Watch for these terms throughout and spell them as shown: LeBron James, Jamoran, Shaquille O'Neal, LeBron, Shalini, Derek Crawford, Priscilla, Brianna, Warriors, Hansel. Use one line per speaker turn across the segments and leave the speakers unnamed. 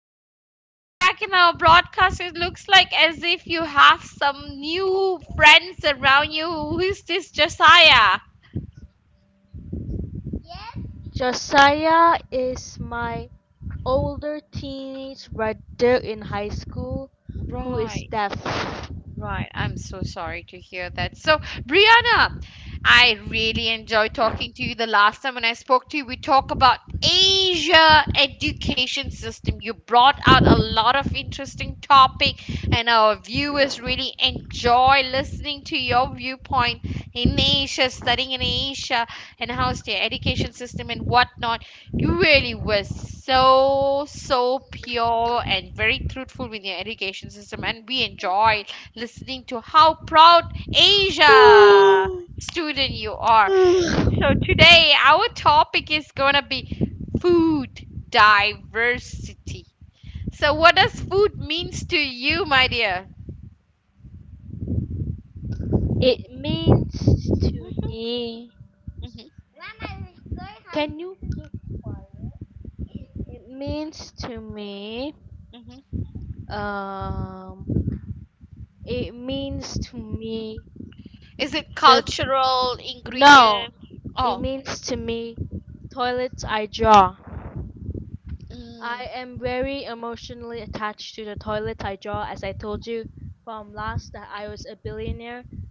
nice to have you back in our broadcast. It looks like as if you have some new friends around you. Who is this, Josiah? Right. Right, I'm so sorry to hear that. So, Brianna, I really enjoyed talking to you. The last time when I spoke to you, we talked about Asia education system. You brought out a lot of interesting topic, and our viewers really enjoy listening to your viewpoint in Asia, studying in Asia, and how's their education system and whatnot. You really were so pure and very truthful with your education system, and we enjoyed listening to how proud Asia student you are. So today our topic is going to be food diversity. So what does food means to you, my dear? Mhm, mhm. Is it cultural ingredient? Oh, mm,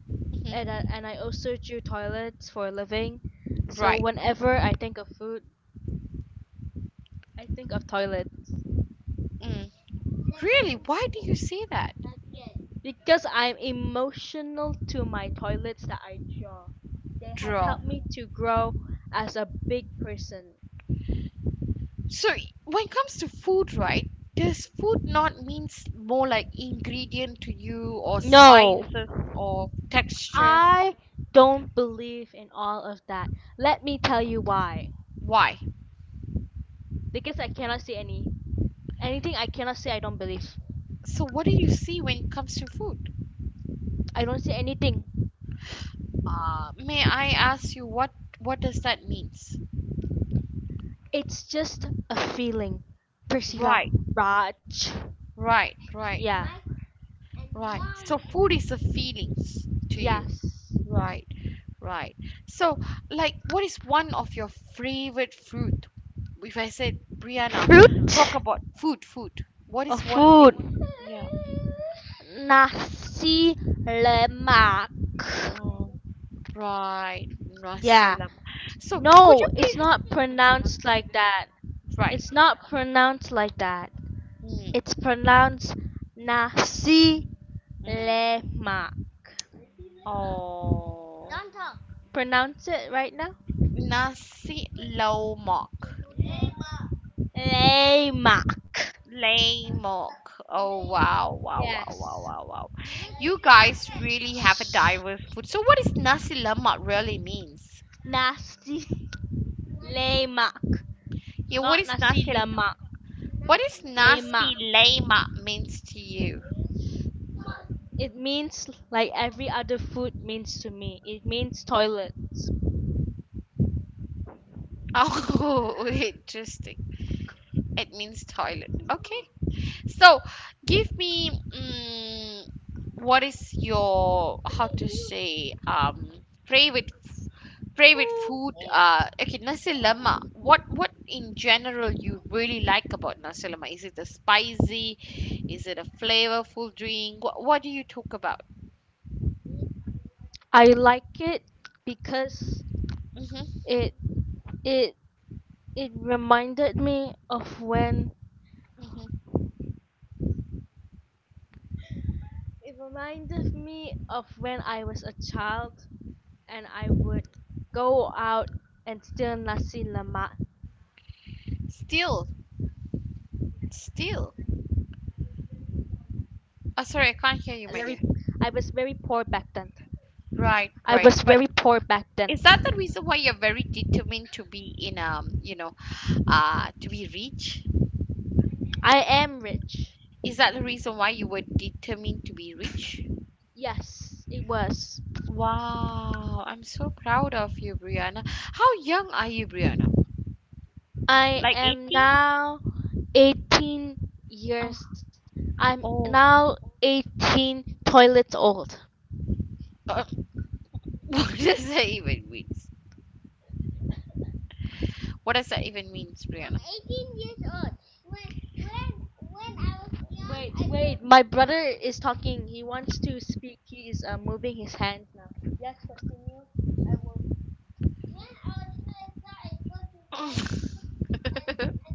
mhm, right. Mm. Really? Why do you say that? Draw. When it comes to food, right? Does food not means more like ingredient to you or spices or texture? Why? So what do you see when it comes to food? May I ask you what does that means? Right, right, right, right. So food is a feelings to you. Right, right. So, like, what is one of your favorite fruit? If I said, Brianna, talk about food. What is one thing? Yeah. Oh, right. Nasi lemak. So, could you please? Right. Mm, mm. Oh, nasi lemak. Lemak. Oh, wow. You guys really have a diverse food. So, what is nasi lemak really means? Yeah, what is nasi? What is nasi lema means to you? Oh, interesting. It means toilet. Okay. So, give me what is your how to say favorite favorite food? Okay, nasi lema. What in general you really like about nasi lema? Is it the spicy? Is it a flavorful drink? What do you talk about? Mm-hmm, mm-hmm. Still, Still. Oh sorry, I can't hear you, my dear. Right, right. But is that the reason why you're very determined to be in you know, to be rich? Is that the reason why you were determined to be rich? Wow, I'm so proud of you, Brianna. How young are you, Brianna? Like 18? Oh, oh. Uh, what does that even means? What does that even means, Brianna?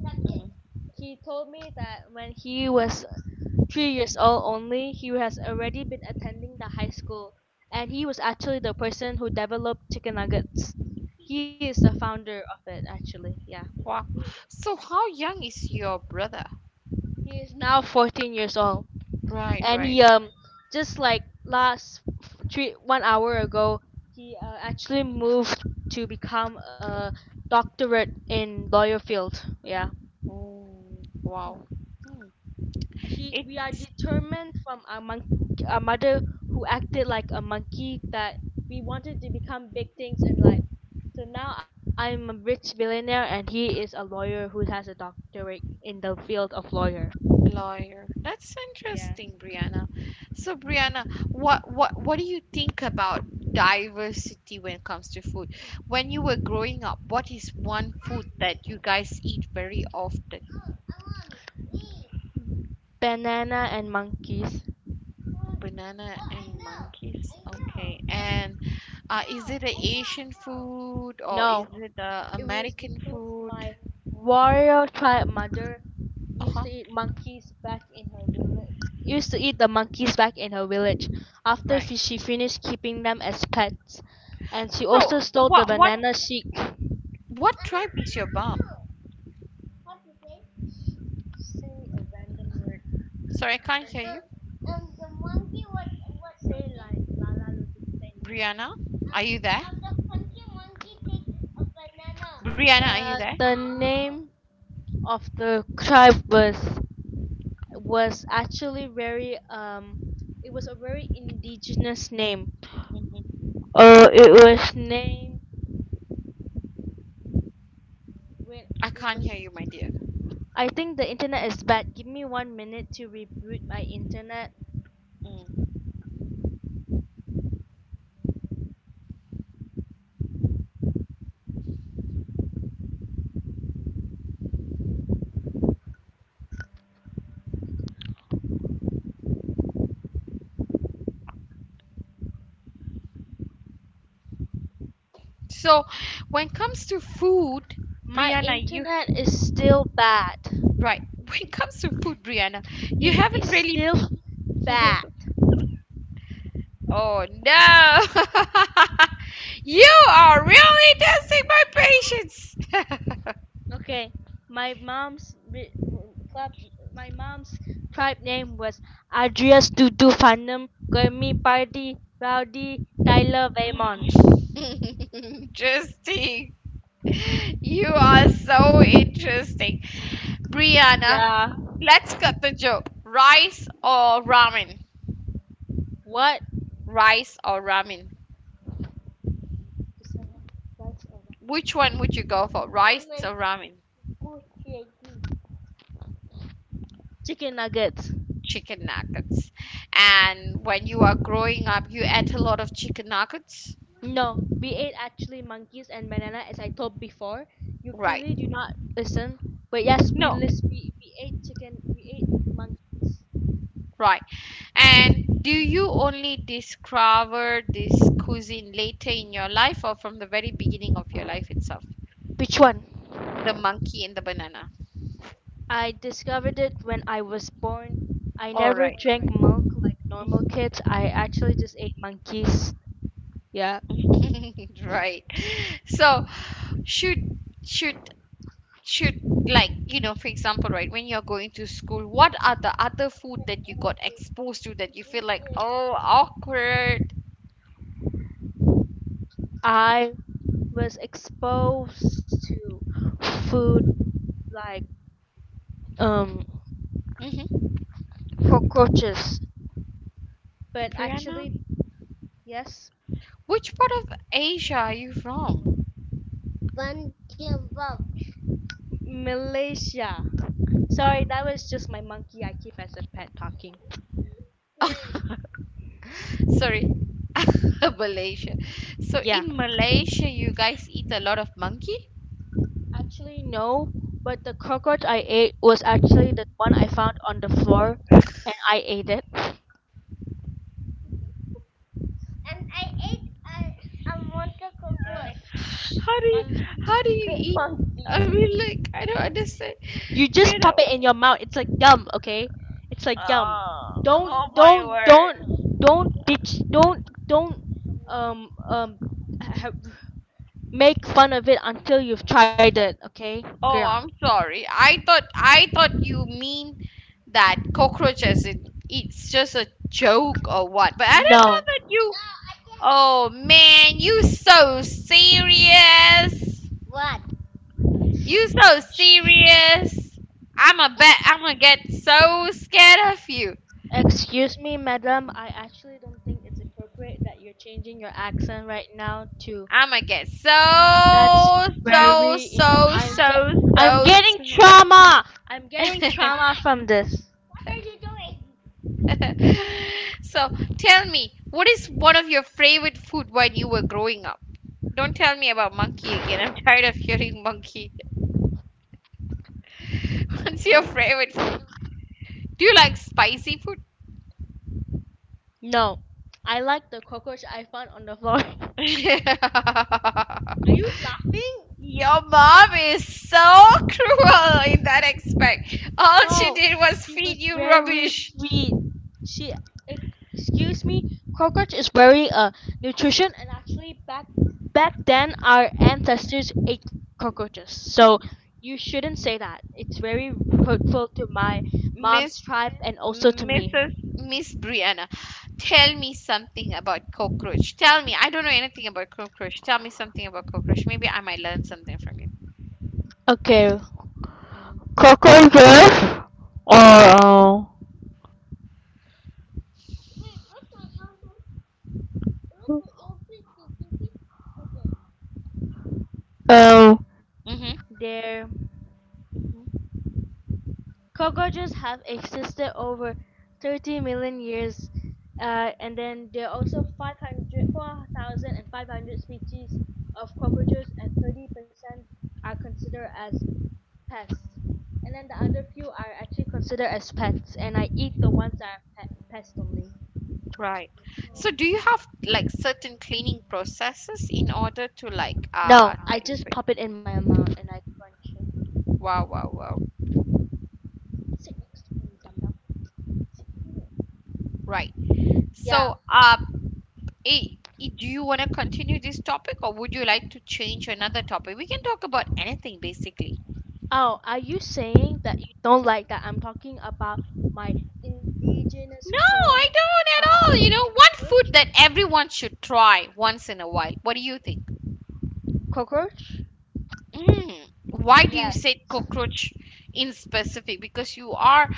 Mm, Wow. So how young is your brother? Right. Oh, wow. Hmm. It's lawyer. That's interesting, Brianna. So, Brianna, what do you think about diversity when it comes to food? When you were growing up, what is one food that you guys eat very often? Banana and monkeys. Okay. And is it an Asian food or is it a American food? Uh-huh. Right. So, what tribe is your mom? Sorry, I can't hear you. Brianna, are you there? Brianna, are you there? Mhm. I can't hear you, my dear. Mm. So, when it comes to food, Brianna, you right. When it comes to food, Brianna, you haven't really. oh no! you are really testing my patience. interesting. You are so interesting, Brianna. Let's cut the joke. Rice or ramen? Rice or ramen? Which one would you go for? Rice or ramen? Chicken nuggets. And when you are growing up, you ate a lot of chicken nuggets? Right. No. Right. And do you only discover this cuisine later in your life or from the very beginning of your life itself? The monkey and the banana. All right. Right. So should should should like you know for example right when you're going to school what are the other food that you got exposed to that you feel like oh awkward hmm Brianna? Which part of Asia are you from? sorry Malaysia. So in Malaysia you guys eat a lot of monkey? how do you how do you eat? I mean like I don't understand, Brianna. Oh, I'm sorry. I thought you mean that cockroaches it, it's just a joke or what. But I don't know that you Oh man, you so serious. You so serious. I'm a bet I'm gonna get so scared of you. I'm gonna get so so so so so. So tell me, what is one of your favorite food when you were growing up? Don't tell me about monkey again. I'm tired of hearing monkey. What's your favorite food? Do you like spicy food? Your mom is so cruel in that aspect. All she did was feed you rubbish. Miss Mrs. Miss Brianna, tell me something about cockroach. Tell me, I don't know anything about cockroach. Tell me something about cockroach. Maybe I might learn something from you.
Cockroaches are uh, um,
Mm-hmm. Right. So do you have like certain cleaning processes in order to like wow wow wow. Right. So eh, eh, do you want to continue this topic or would you like to change another topic? We can talk about anything basically. No, I don't at all. You know, one food that everyone should try once in a while. What do you think? Mm. Why do you say cockroach in specific? Because you are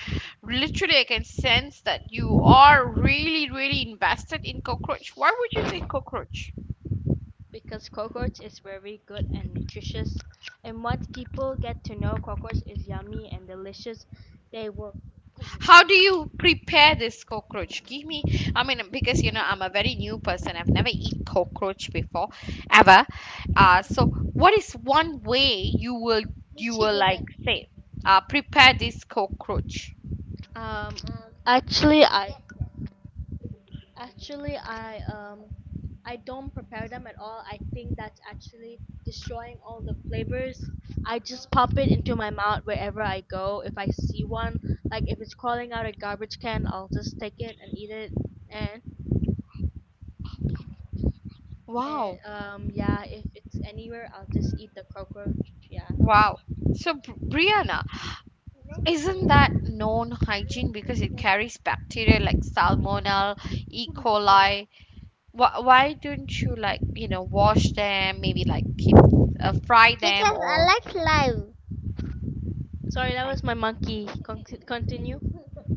literally, I can sense that you are really, really invested in cockroach. Why would you say cockroach? How do you prepare this cockroach? Give me, I mean, because you know, I'm a very new person. I've never eaten cockroach before, ever. So what is one way you will like say, prepare this cockroach? Wow, wow. So, Brianna. Isn't that non hygiene because it carries bacteria like salmonella, E. coli? Why don't you like, you know, wash them, maybe like keep fry them or like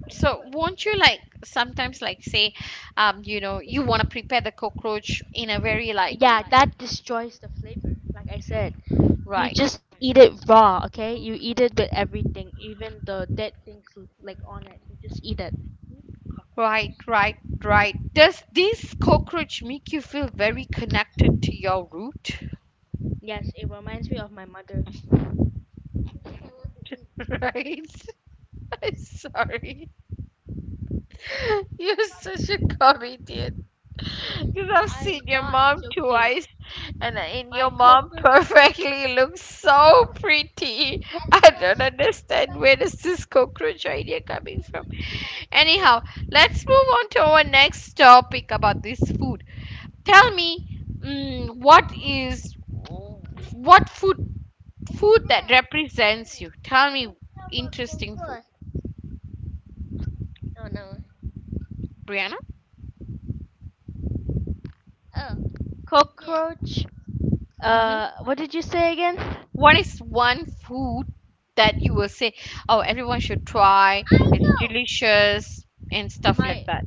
so won't you like sometimes like say you know you want to prepare the cockroach in a very like right right right right. Does this cockroach make you feel very connected to your root? right sorry You're such a comedian. Because I've seen your mom twice, and in your mom perfectly looks so pretty. I don't understand where does this cockroach idea coming from. Anyhow, let's move on to our next topic about this food. Tell me, what food that represents you? Tell me interesting food, Brianna. Mm-hmm. What is one food that you will say, oh, everyone should try. It's delicious and stuff like that.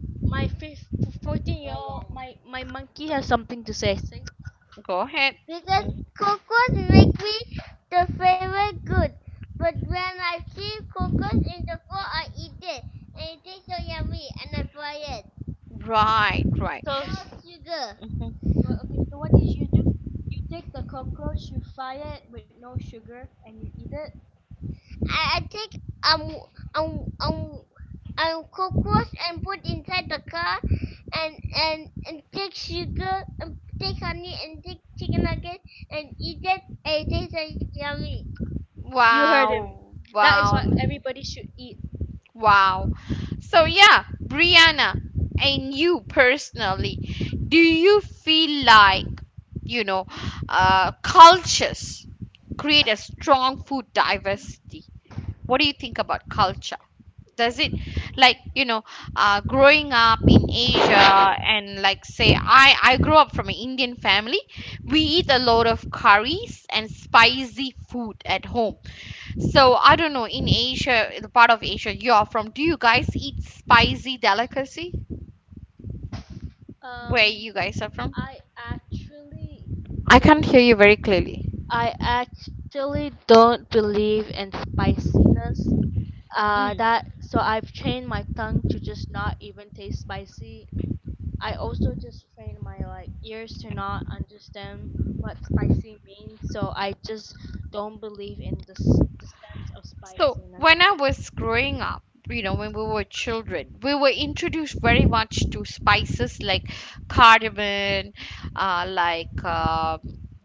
Go ahead. Mm, Right, right. Mhm. Wow, wow, wow. So yeah, Brianna, and you personally, do you feel like, you know, cultures create a strong food diversity? What do you think about culture? Does it like you know growing up in Asia and like say I grew up from an Indian family. We eat a lot of curries and spicy food at home. So I don't know in Asia the part of Asia you're from do you guys eat spicy delicacy where you guys are from? I can't hear you very clearly. Mm. So, when I was growing up, you know, when we were children, we were introduced very much to spices like cardamom, uh, like um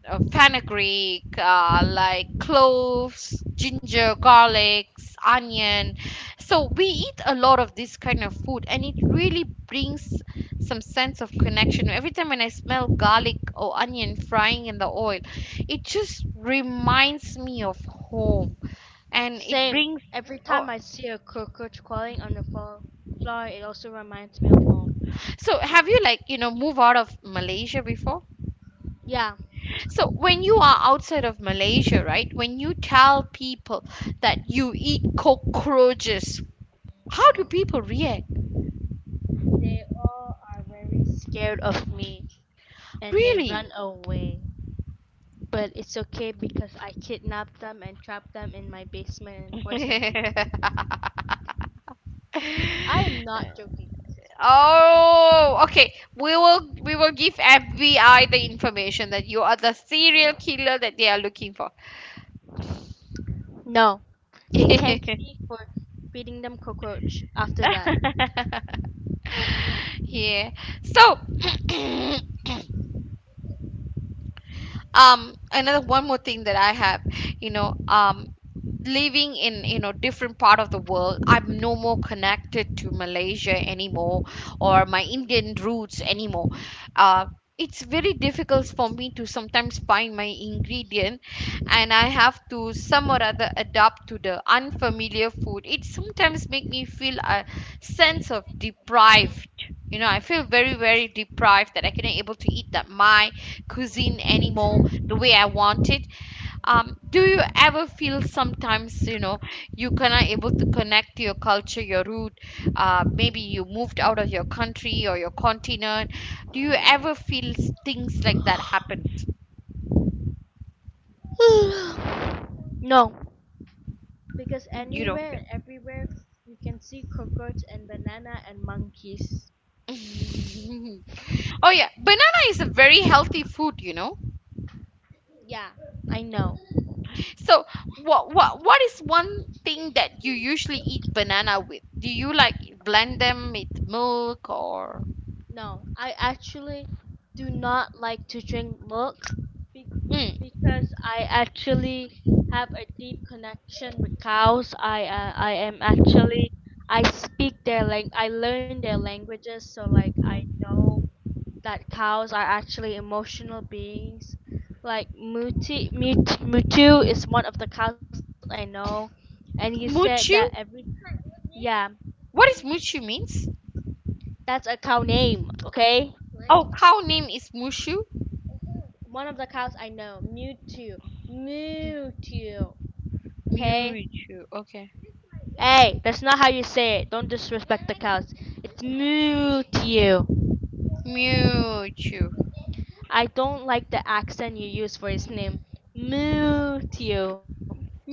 fenugreek, cloves, ginger, garlic, onion. So, we eat a lot of this kind of food, and it really brings some sense of connection. Every time when I smell garlic or onion frying in the oil, it just reminds me of home and it brings oh so have you like you know move out of Malaysia before? So when you are outside of Malaysia right when you tell people that you eat cockroaches how do people react? Really? oh okay we will give FBI the information that you are the serial killer that they are looking for. Yeah. So, another one more thing that I have you know living in you know different part of the world I'm no more connected to Malaysia anymore or my Indian roots anymore uh it's very difficult for me to sometimes find my ingredient and I have to some or other adapt to the unfamiliar food it sometimes make me feel a sense of deprived you know I feel very deprived that I cannot able to eat that my cuisine anymore the way I want it. Do you ever feel sometimes, you know, you cannot able to connect to your culture, your root? Maybe you moved out of your country or your continent. Do you ever feel things like that happens? You don't feel. Oh yeah, banana is a very healthy food, you know. So what is one thing that you usually eat banana with? Do you like blend them with milk or mm. Mochu? What is Mushu means? Oh, cow name is Mushu. Mewtwo. Okay. Mewtwo.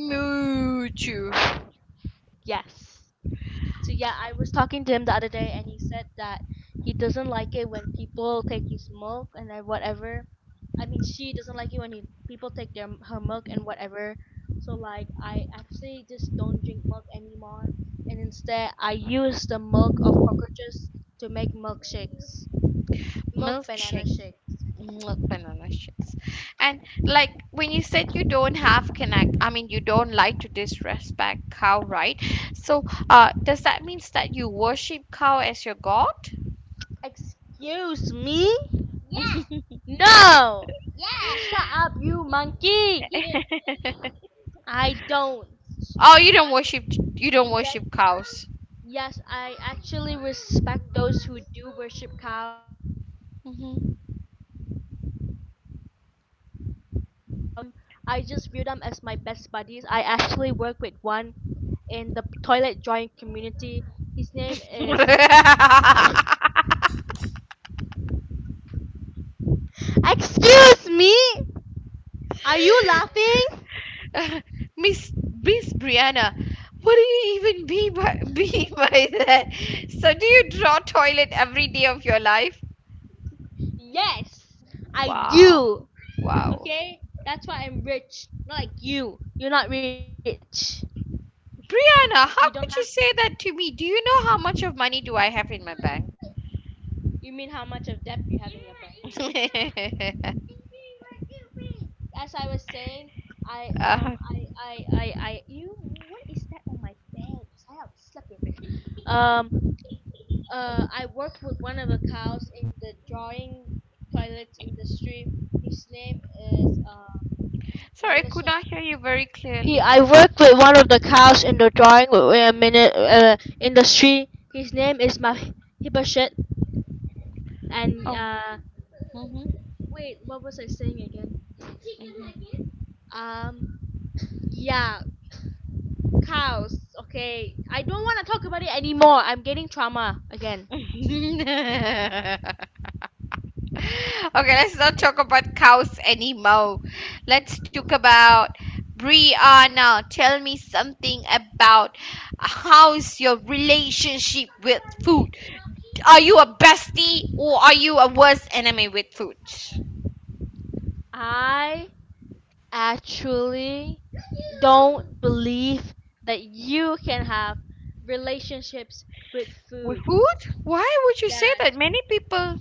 Mewtwo. Milkshake. Milk banana shakes. And like when you said you don't have connect, I mean you don't like to disrespect cow, right? So does that means that you worship cow as your god? Oh, you don't worship, you don't worship cows. Mhm. Miss Miss Brianna, what do you even be by, be by that? So do you draw toilet every day of your life? Wow, wow. Brianna, how could you say that to me? Do you know how much of money do I have in my bank? uh, Sorry, I could not hear you very clearly. Oh. hmm hmm Okay, let's not talk about cows anymore. Let's talk about Brianna. Tell me something about, how's your relationship with food? Are you a bestie or are you a worst enemy with food? With food? Why would you say that? Many people.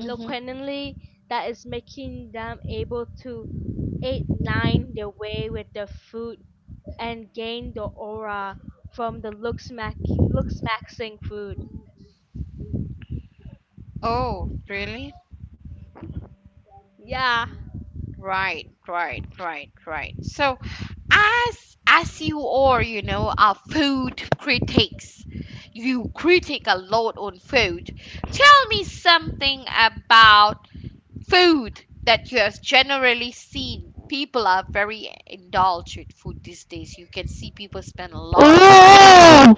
Mm-hmm. Oh, really? Right, right, right, right. So, as you are, are food critics, you critic a lot on food. Tell me something about food that you have generally seen. People are very indulged with food these days. You can see people spend a lot of money.
um,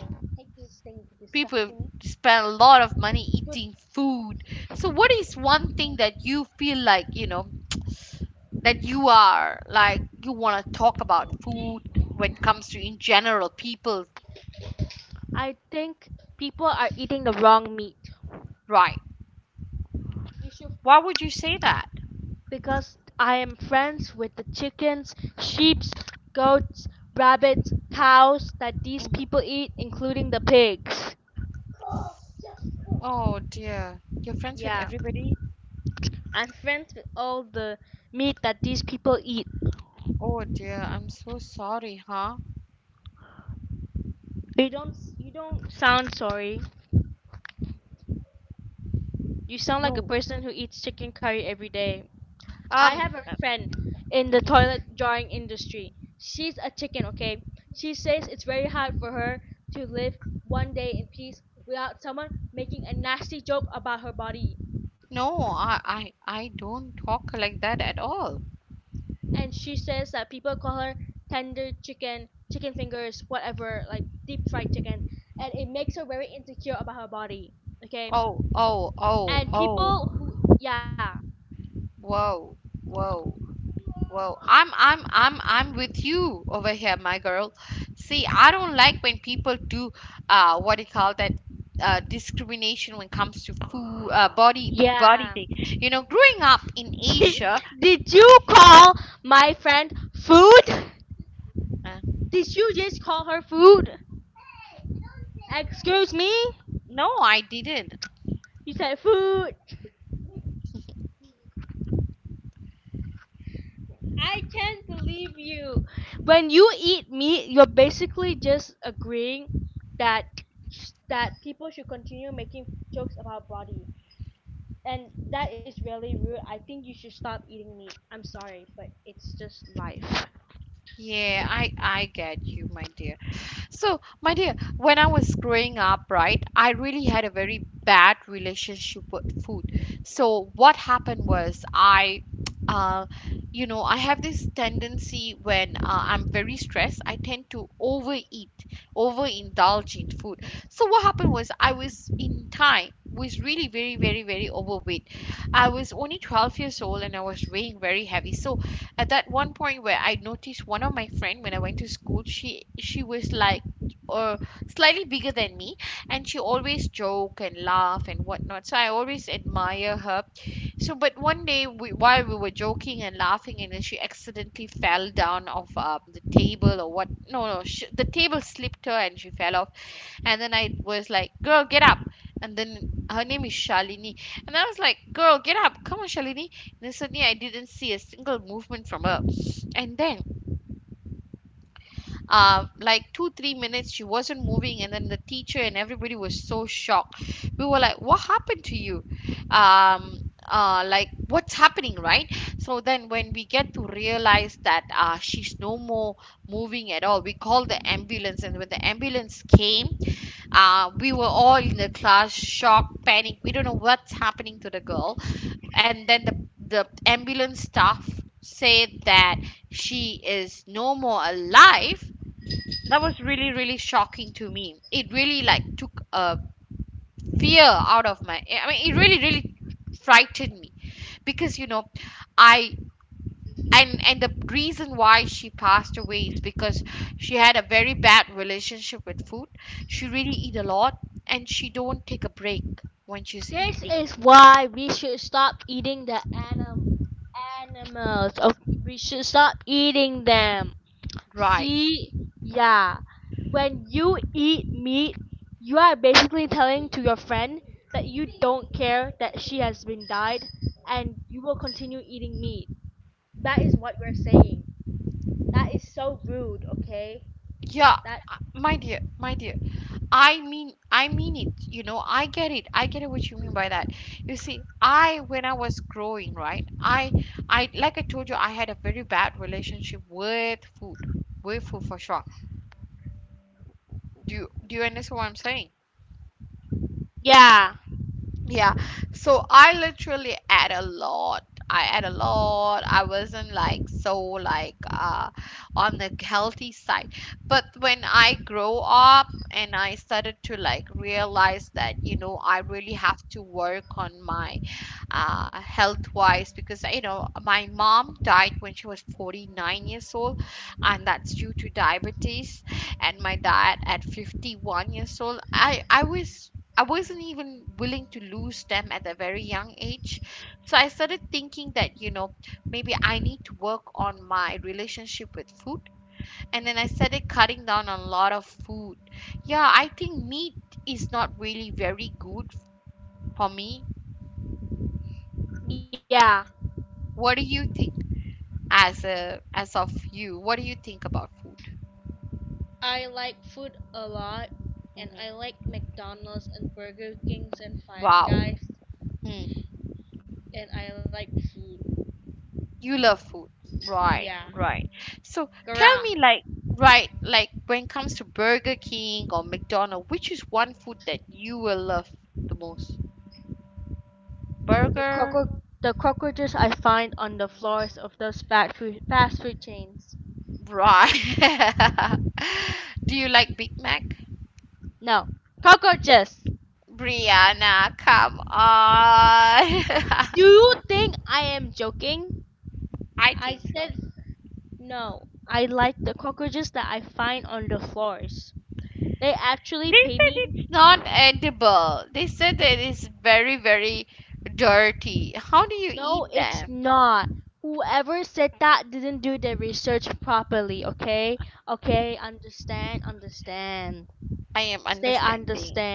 People spend a lot of money eating food. So, what is one thing that you feel like, that you are like you want to talk about food when it comes to in general people, right? Why would you say that? Mm. Oh dear. You're friends with everybody? Oh dear. I'm so sorry, huh? No. um Uh, mhm. No, i i, I don't talk like that at all. Oh, oh, oh, oh. Whoa, whoa. Well, I'm with you over here, my girl. See, I don't like when people do, what do you call that, discrimination when it comes to food, body thing. You know, growing up in Asia, uh, no, I didn't. Yeah, I get you, my dear. So, my dear, when I was growing up, right, I really had a very bad relationship with food. So, what happened was I, uh, you know, I have this tendency when I'm very stressed, I tend to overeat, overindulge in food. So, what happened was I was in time was really very overweight. I was only 12 years old and I was weighing very heavy. So at that one point where I noticed one of my friend when I went to school, she was like, or slightly bigger than me, and she always joke and laugh and whatnot, so I always admire her. So but one day we, while we were joking and laughing, and then she accidentally fell down off the table or what. No no sh The table slipped her and she fell off. And then I was like, girl get up. And then her name is Shalini. And I was like, girl get up, come on Shalini. And then suddenly I didn't see a single movement from her. And then, like 2 3 minutes she wasn't moving, and then the teacher and everybody was so shocked. We were like, what happened to you? um like, what's happening, right? So then when we get to realize that she's no more moving at all, we called the ambulance. And when the ambulance came, we were all in the class, shocked, panic, we don't know what's happening to the girl. And then the ambulance staff said that she is no more alive. That was really really shocking to me. It really like took a fear out of my, I mean, it really really frightened me. Because you know, I, and the reason why she passed away is because she had a very bad relationship with food. She really eat a lot, and she don't take a break when she's eating, right? Yeah. My dear, I mean it. You know, I get it. I get it what you mean by that. You see, I, when I was growing, right? I like I told you, I had a very bad relationship with food for sure. Do you understand what I'm saying? Yeah. So I literally ate a lot. I ate a lot. I wasn't like so like on the healthy side. But when I grow up and I started to like realize that, you know, I really have to work on my health wise, because you know, my mom died when she was 49 years old, and that's due to diabetes, and my dad at 51 years old. I was, I wasn't even willing to lose them at a very young age. So I started thinking that, you know, maybe I need to work on my relationship with food. And then I started cutting down on a lot of food. Yeah, I think meat is not really very good for me. What do you think, as a as of you? What do you think about food? Hmm. Wow. Hmm. You love food. Right, right. So tell me like, right, like when it comes to Burger King or McDonald's, which is one food that you will love the most? Burger? Right. Do you like Big Mac? Brianna, come on. I think so. They said it's not edible. They said that it is very, very dirty. How do you eat them? I am understanding.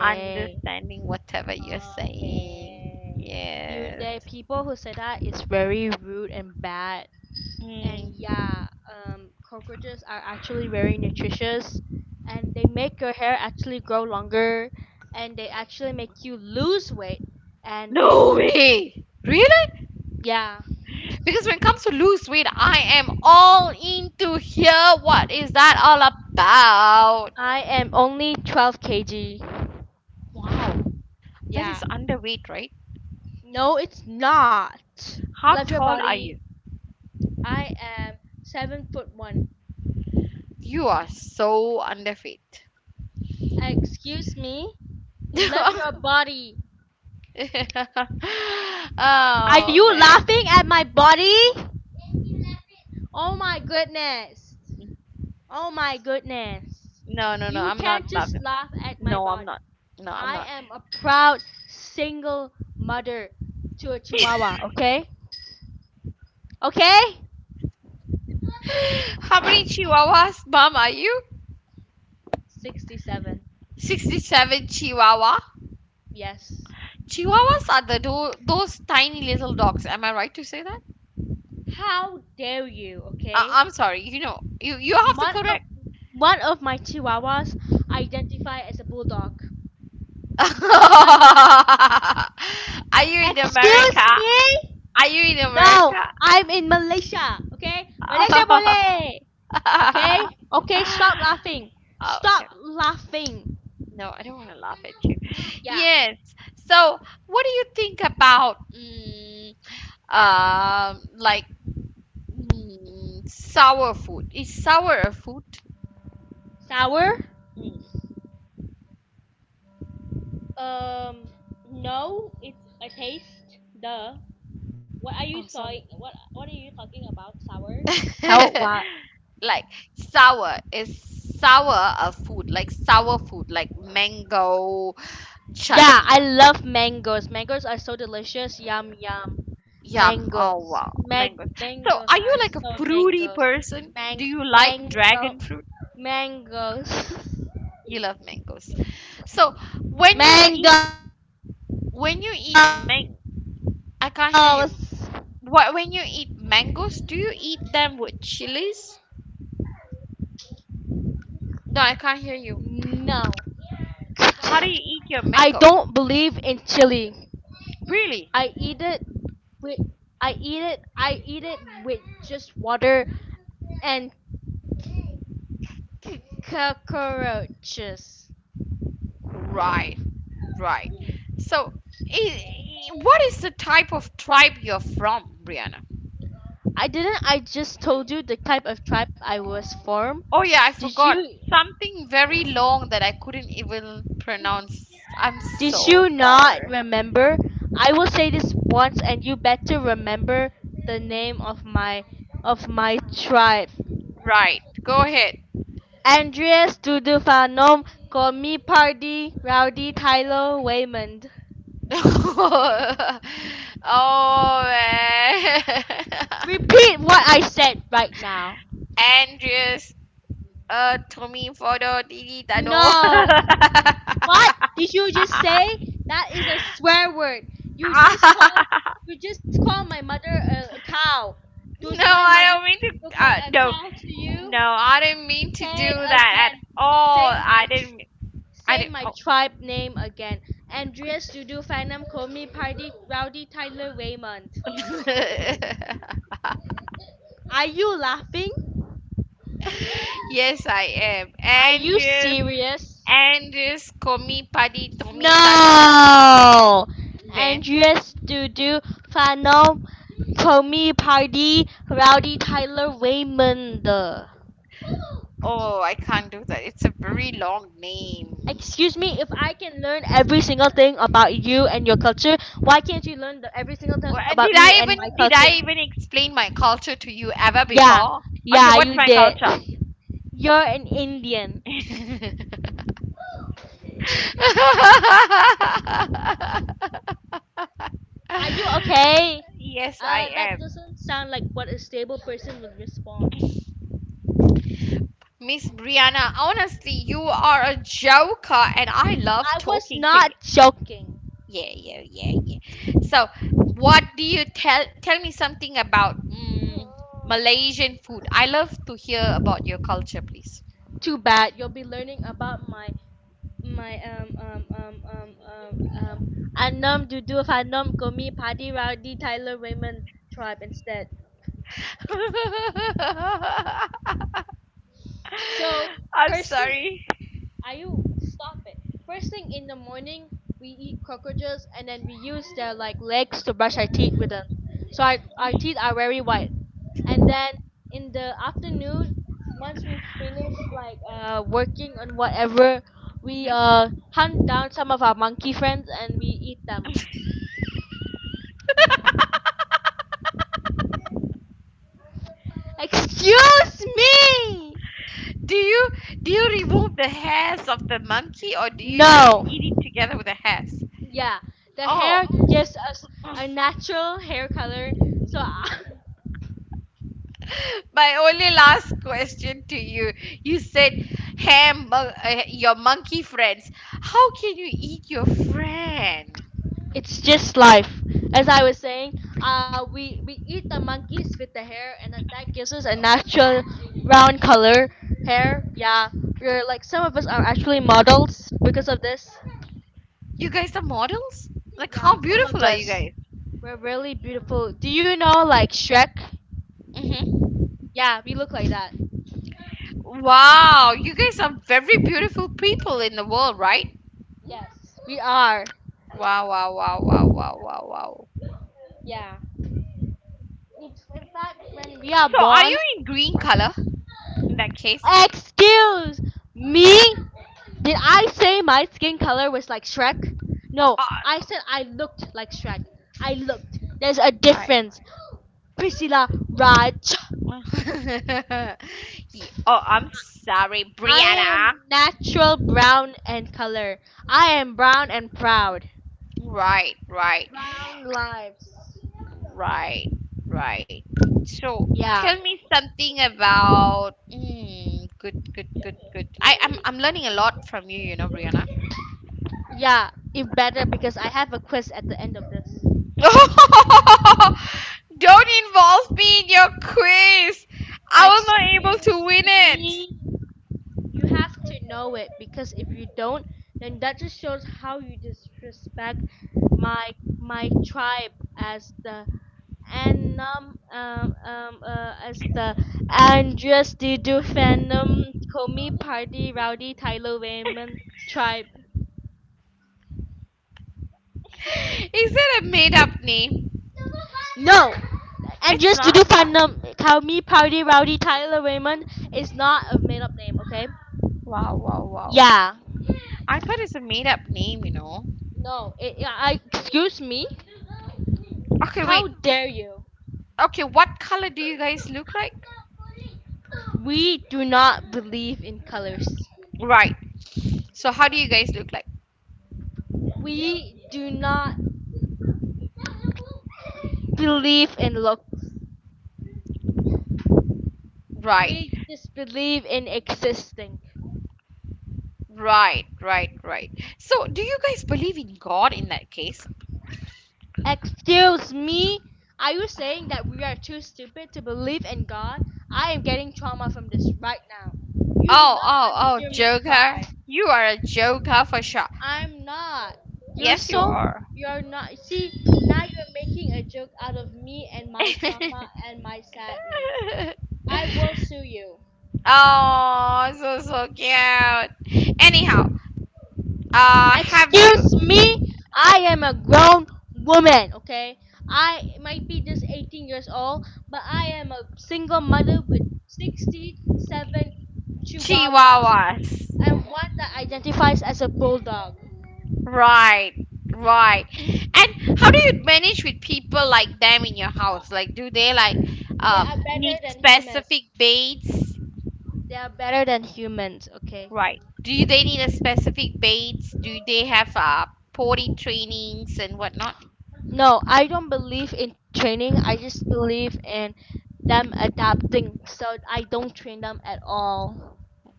Understanding whatever you're saying. Yes. Hmm. No way. Really? Because when it comes to lose weight, I am all into here. What is that all about? Wow. That is underweight, right? How tall are you? You are so underweight. Oh man. No, no, no. I'm not laughing. No, I'm not. No, I'm not. How many chihuahuas, mom, are you? 67 chihuahua. Chihuahuas are the those tiny little dogs. Am I right to say that? I'm sorry. You know, you have to correct. are you in America? Are you in America? Oh, okay. No, I don't want to laugh at you. Yes. So, what do you think about like, sour food. Is sour a food? Mm. Oh, sour! Like, sour is sour a food, like sour food, like mango chutney. Yum. Oh wow, mango. So are you like a fruity person? Do you like dragon fruit? You love mangoes. So when you eat, when you eat mang I can't hear you. What, when you eat mangoes do you eat them with chilies? No, I can't hear you. How do you eat your mango? Really? Right, right. So, what is the type of tribe you're from, Brianna? Oh, yeah, I forgot. Something very long that I couldn't even pronounce. I'm so sorry. Right, go ahead. Oh, man. Andreas, Tommy Fodo, Didi Dado. No, I don't mean to. No, no, I didn't mean to do that at all. I didn't. I didn't. Oh, quick. Yes, I am. Angus, Angus, Komi Padi, Tomi Tadin. Then, oh, I can't do that. It's a very long name. Well, and did I even explain my culture to you ever before? Okay, what's my culture? Yes, I am. Miss Brianna, honestly, you are a joker and I love talking to you. Yeah, yeah, yeah, yeah. So, what do you tell me something about Malaysian food? I love to hear about your culture, please. I'm sorry. Mhm. Do you do you remove the hairs of the monkey or do you just eat it together with the hairs? Oh, my only last question to you. You said your monkey friends. How can you eat your friend? You guys are models? Like, how beautiful are you guys? Hmm. Wow, you guys are very beautiful people in the world, right? Wow, wow, wow, wow, wow, wow, wow. So are you in green color in that case? Uh, right. Oh, I'm sorry, Brianna. Right, right, right, right. So tell me something about. Mm, good, good, good, good. I'm learning a lot from you, you know, Brianna. Don't involve me in your quiz. I will not able to win it. Is that a made up name? It's not. Wow, wow, wow. I thought it's a made up name, you know. Okay, wait. Okay, what color do you guys look like? Right. So how do you guys look like? Right. Right, right, right. So do you guys believe in God in that case? Oh, oh, oh, Joker. You are a Joker for sure. Yes, you are. Oh, so so cute. Anyhow, have you Chihuahuas? Right, right. And how do you manage with people like them in your house? Like, do they like need specific baits? Right. Do they need a specific baits? Do they have potty trainings and whatnot?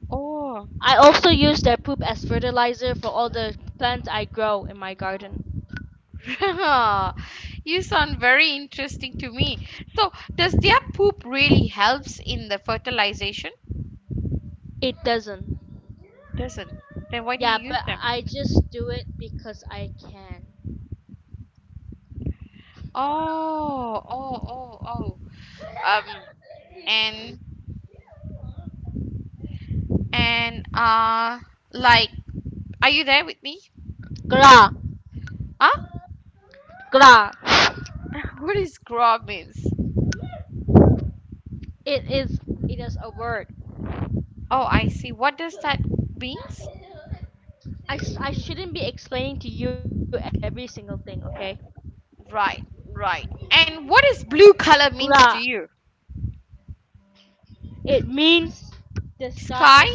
Oh, you sound very interesting to me. So, does their poop really helps in the fertilization? Doesn't. Then why do you use them? Oh, oh, oh, oh. And and like are you there with me? Huh? What is "grub" means? Oh, I see. What does that means? Right, right. And what is blue color means to you? Sky?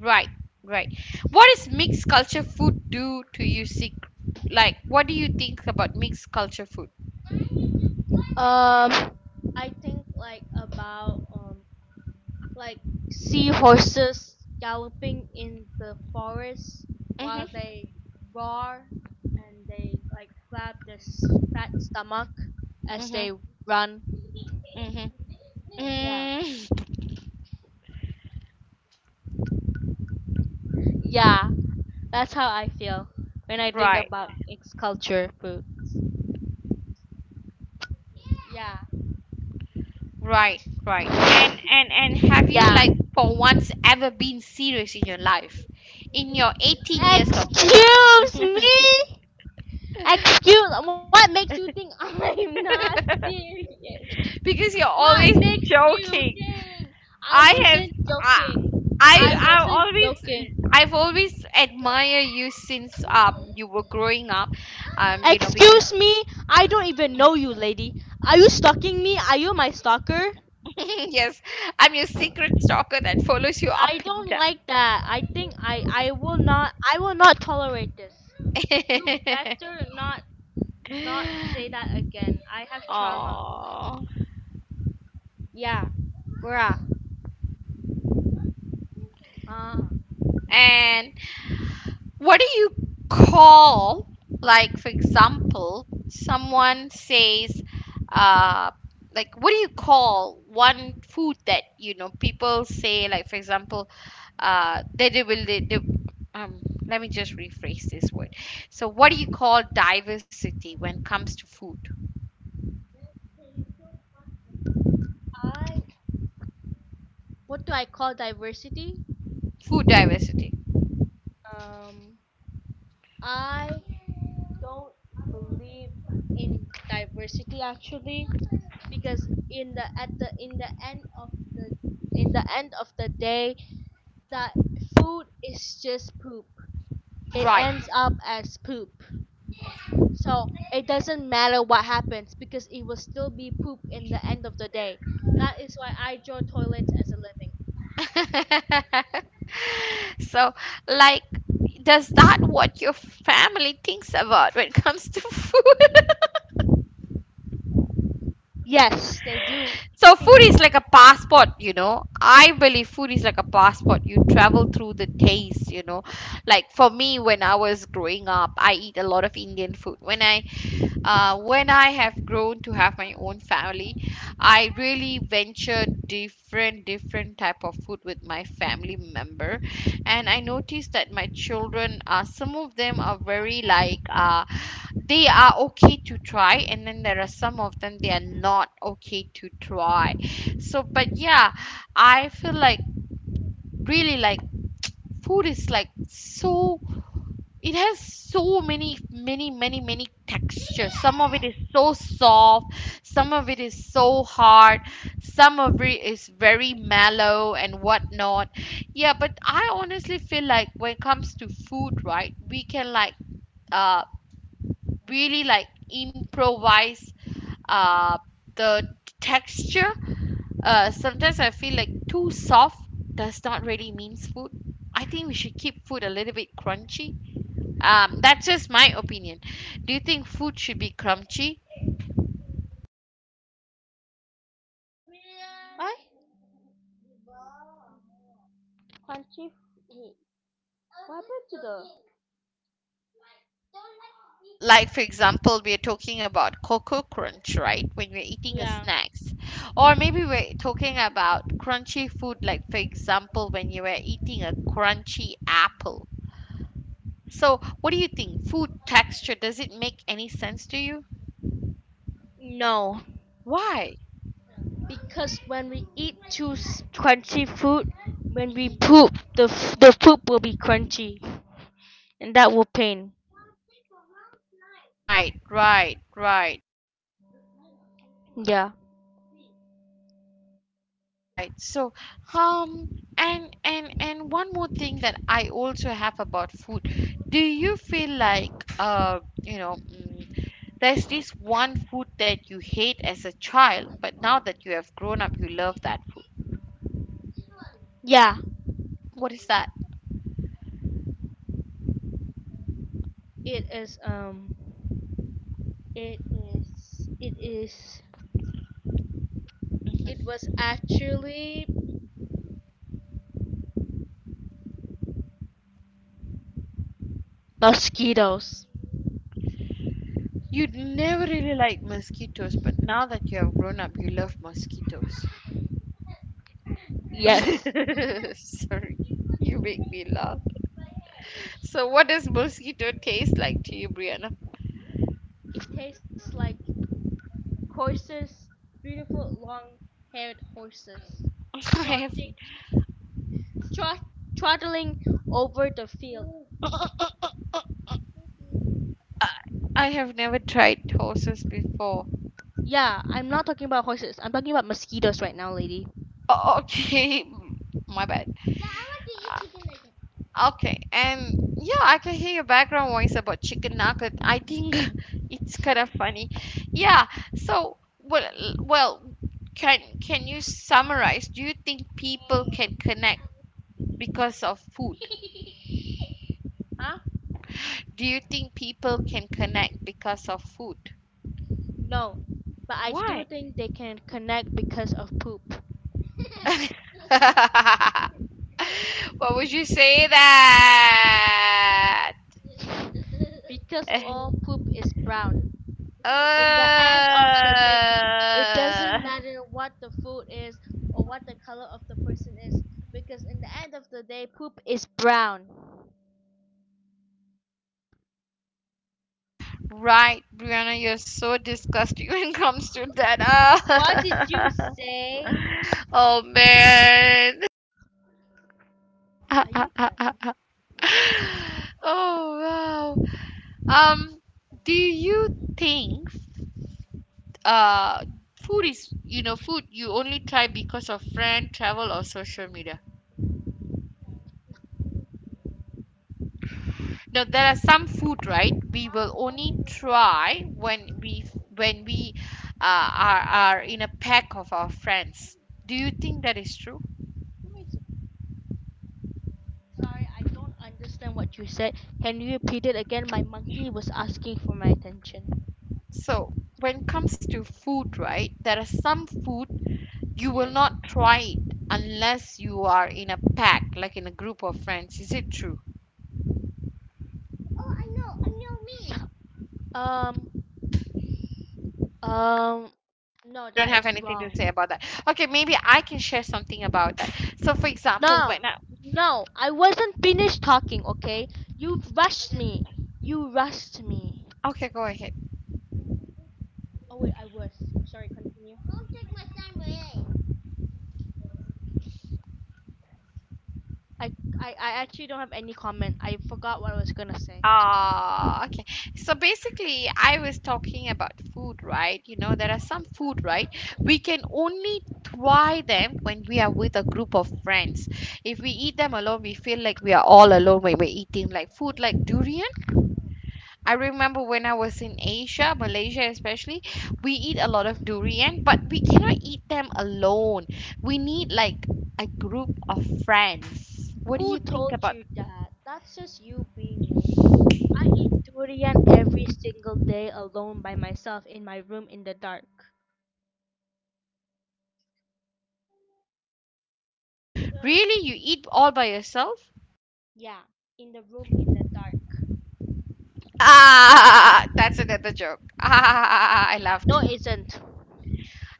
Right, right. What is mixed culture food do to you? Sick? What do you think about mixed culture food? Mhm, mhm, mhm. Mm, right. Right, right. And have you for once ever been serious in your life? In your 18 years of life? Because you're always joking. I have I I I always I've always admire you since you were growing up. Because yes, I'm your secret stalker that follows you up and down. Oh, and what do you call, for example, someone says, uh, what do you call one food that, people say, for example, they will, they, let me just rephrase this word. So, what do you call diversity when it comes to food? Food diversity. Right. So, like, does that what your family thinks about when it comes to food? So food is like a passport, you know. I believe food is like a passport. You travel through the taste, you know. Like for me, when I was growing up, I eat a lot of Indian food. When I have grown to have my own family, I really ventured different, different type of food with my family member, and I noticed that my children, some of them are very they are okay to try, and then there are some of them they are not okay to try. So but yeah, I feel like, really like, food is like so, it has so many, many, many, many textures. Some of it is so soft, some of it is so hard, some of it is very mellow and whatnot. Yeah, but I honestly feel like when it comes to food, right, we can uh really like improvise uh, the texture. Sometimes I feel like too soft does not really mean food. I think we should keep food a little bit crunchy. That's just my opinion. Do you think food should be crunchy? Like for example, we're talking about cocoa crunch, right, when we're eating a snacks, or maybe we're talking about crunchy food, like for example when you were eating a crunchy apple. So what do you think food texture, does it make any sense to you? Why? Mhm. Right, right, right, right. So, um, and one more thing that I also have about food. Do you feel like, mm, there's this one food that you hate as a child, but now that you have grown up, you love that food. What is that? Mhm. You never really like mosquitoes, but now that you have grown up, you love mosquitoes. Sorry, you make me laugh. So, what does mosquito taste like to you, Brianna? I have, I have never tried horses before. Okay, my bad. Uh, okay, and yeah, I can hear your background voice about chicken nugget. I think it's kind of funny. Yeah. So, well, can you summarize? Do you think people can connect because of food? Do you think people can connect because of food? Why? What would you say that? Uh, right, Brianna, you're so disgusting when it comes to that. Uh, oh man. Oh wow. Do you think uh food is, you know, food you only try because of friend, travel or social media. Now there are some food, right, we will only try when we are in a pack of our friends. Do you think that is true? So when it comes to food, right, there are some food you will not try it unless you are in a pack, like in a group of friends. Is it true? Oh, you don't have anything to say about that. Okay, maybe I can share something about that. So, for example, okay, go ahead. Ah, okay. So basically, I was talking about food, right? You know, there are some food, right? We can only try them when we are with a group of friends. If we eat them alone, we feel like we are all alone when we're eating like food like durian. I remember when I was in Asia, Malaysia especially, we eat a lot of durian, but we cannot eat them alone. We need like a group of friends. What do you think about? Really, you eat all by yourself? Ah, that's another joke. Ah, I laughed.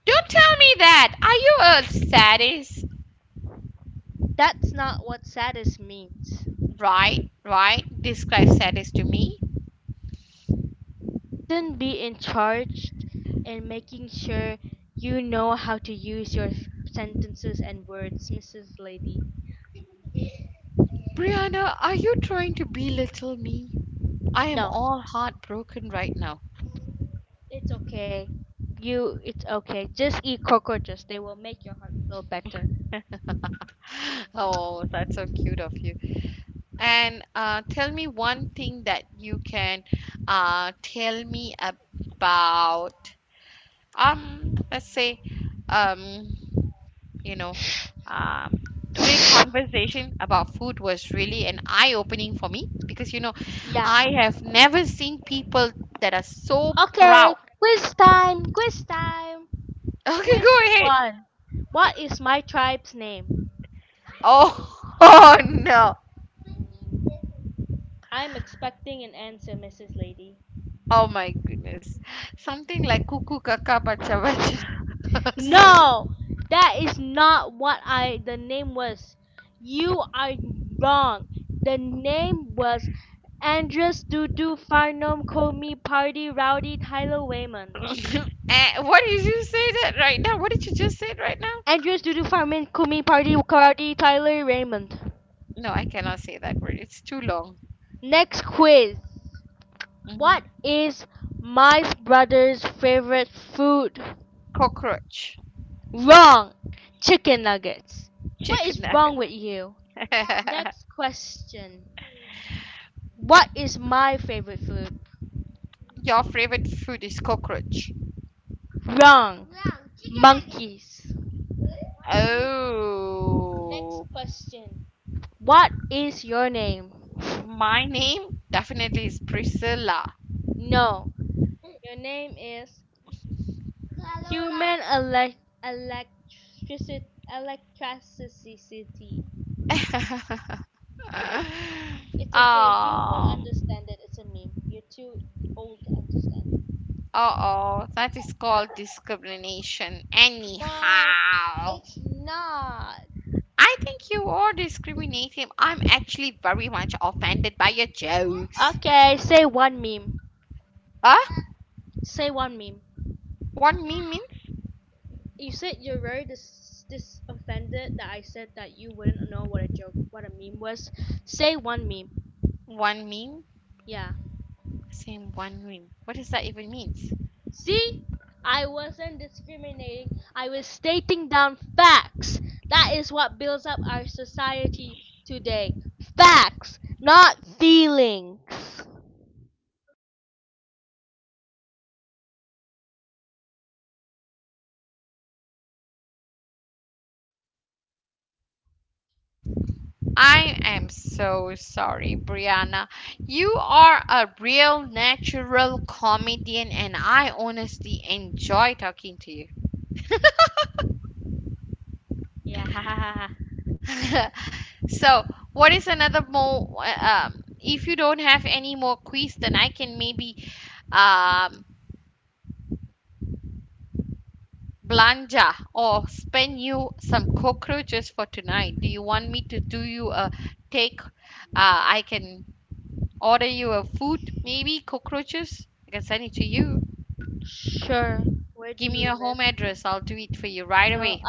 Don't tell me that. Are you a sadist? Right, right. Describe sadist to me. Brianna, are you trying to belittle me? I am all heartbroken right now. Oh, that's so cute of you. And tell me one thing that you can tell me about, let's say, um, you know, um, today conversation about food was really an eye-opening for me because, you know, I have never seen people that are so proud. Okay, go ahead. Okay. Oh, oh no. Oh my goodness. Something like cuckoo kaka bacha bacha. Sorry. Eh, what did you say that right now? What did you just say right now? No, I cannot say that word. It's too long. Hmm. Cockroach. Chicken nugget. Your favorite food is cockroach. Oh, my name definitely is Priscilla. um, uh-oh, that is called discrimination. Anyhow, I think you are discriminating. I'm actually very much offended by your jokes. Huh? One meme means one meme? Same one meme. What does that even mean? I am so sorry, Brianna. You are a real natural comedian and I honestly enjoy talking to you. So, what is another more? If you don't have any more question, I can maybe um, blanja or spend you some cockroaches for tonight. Do you want me to do you a take? I can order you a food, maybe cockroaches. I can send it to you. Give me your home address. I'll do it for you right away.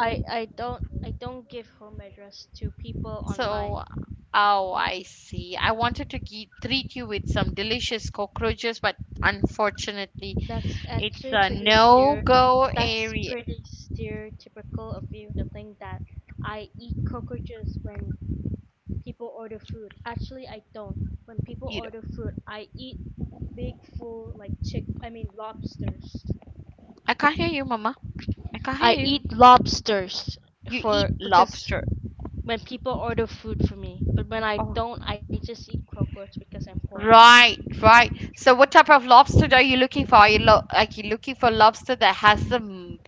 So, oh, I see. I wanted to treat you with some delicious cockroaches, but unfortunately. It's a no go area. You know, I can't hear you, Mama. I can't hear you. You eat lobster. Oh, right, right. So, what type of lobster are you looking for? Are you like you looking for lobster that has some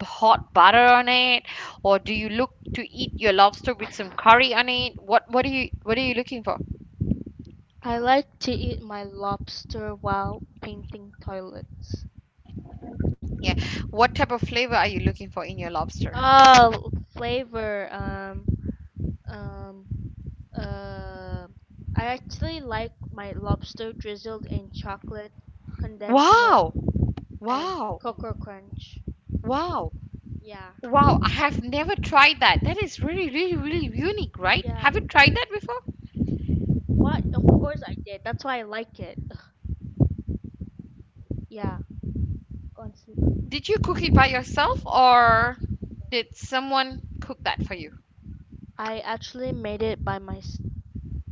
hot butter on it, or do you look to eat your lobster with some curry on it? What are you looking for? Yeah. What type of flavor are you looking for in your lobster? Wow, wow, wow. Wow, I have never tried that. That is really, really, really unique, right? Have you tried that before? Did you cook it by yourself or did someone cook that for you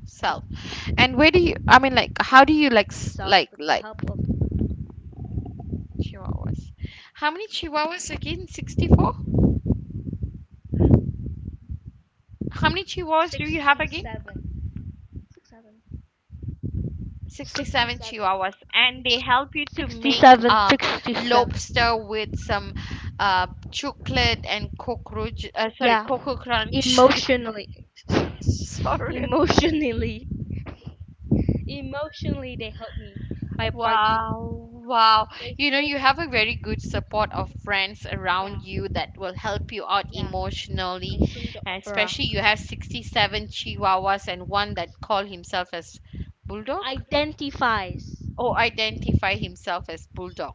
self? And where do you, I mean, how do you like chihuahuas? How many chihuahuas again? 64? How many chihuahuas do you have again? 67 chihuahuas. And they help you to make lobster with some chocolate and cockroach, sorry, cocoa crunch. Sorry. Wow, wow. You know, you have a very good support of friends around you that will help you out emotionally. And especially you have 67 chihuahuas and one that call himself as bulldog or identify himself as bulldog.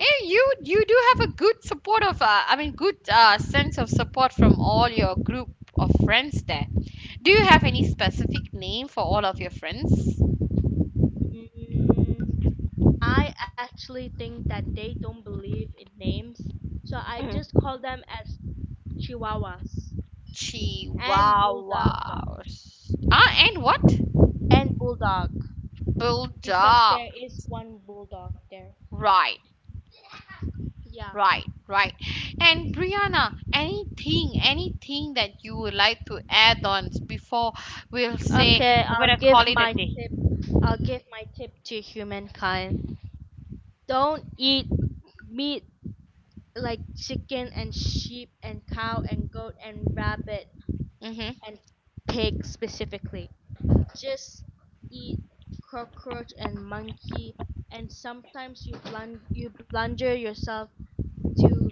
And you do have a good support of I mean good sense of support from all your group of friends there. Do you have any specific name for all of your friends? Chihuahuas. Ah, and what? Bulldog. Right, right, right. And Brianna, anything that you would like to add on before we'll say we're gonna call it a day. Mm-hmm.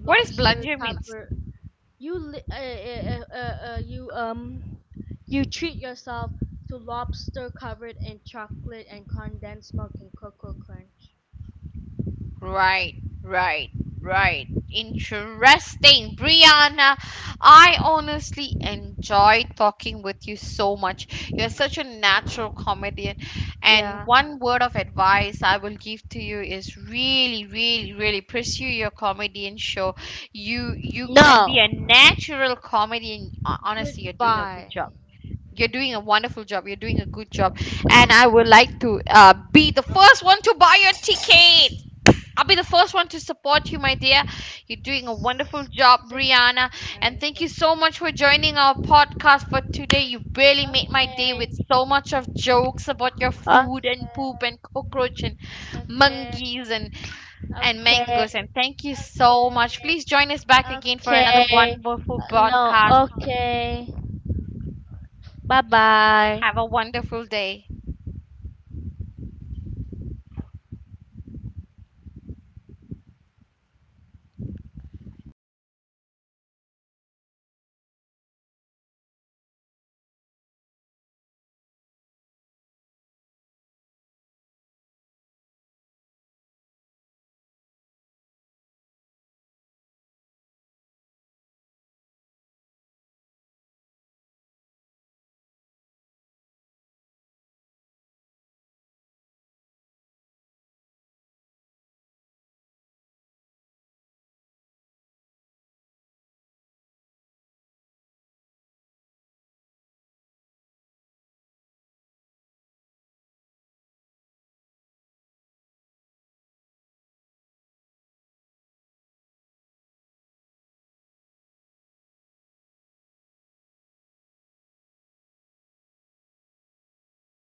What is blunder means? Right, right, right. Interesting, Brianna. I honestly enjoy talking with you so much. You're such a natural comedian. And one word of advice I will give to you is really, really, really pursue your comedian show. You can be a natural comedian. Honestly, you're doing a good job. You're doing a wonderful job. You're doing a good job. And I would like to be the first one to buy your ticket. I'll be the first one to support you, my dear. You're doing a wonderful job, Brianna. And thank you so much for joining our podcast for today. You really made my day with so much of jokes about your food and poop and cockroach and monkeys, and mangoes. And thank you so much. Please join us back again for another wonderful podcast. Have a wonderful day.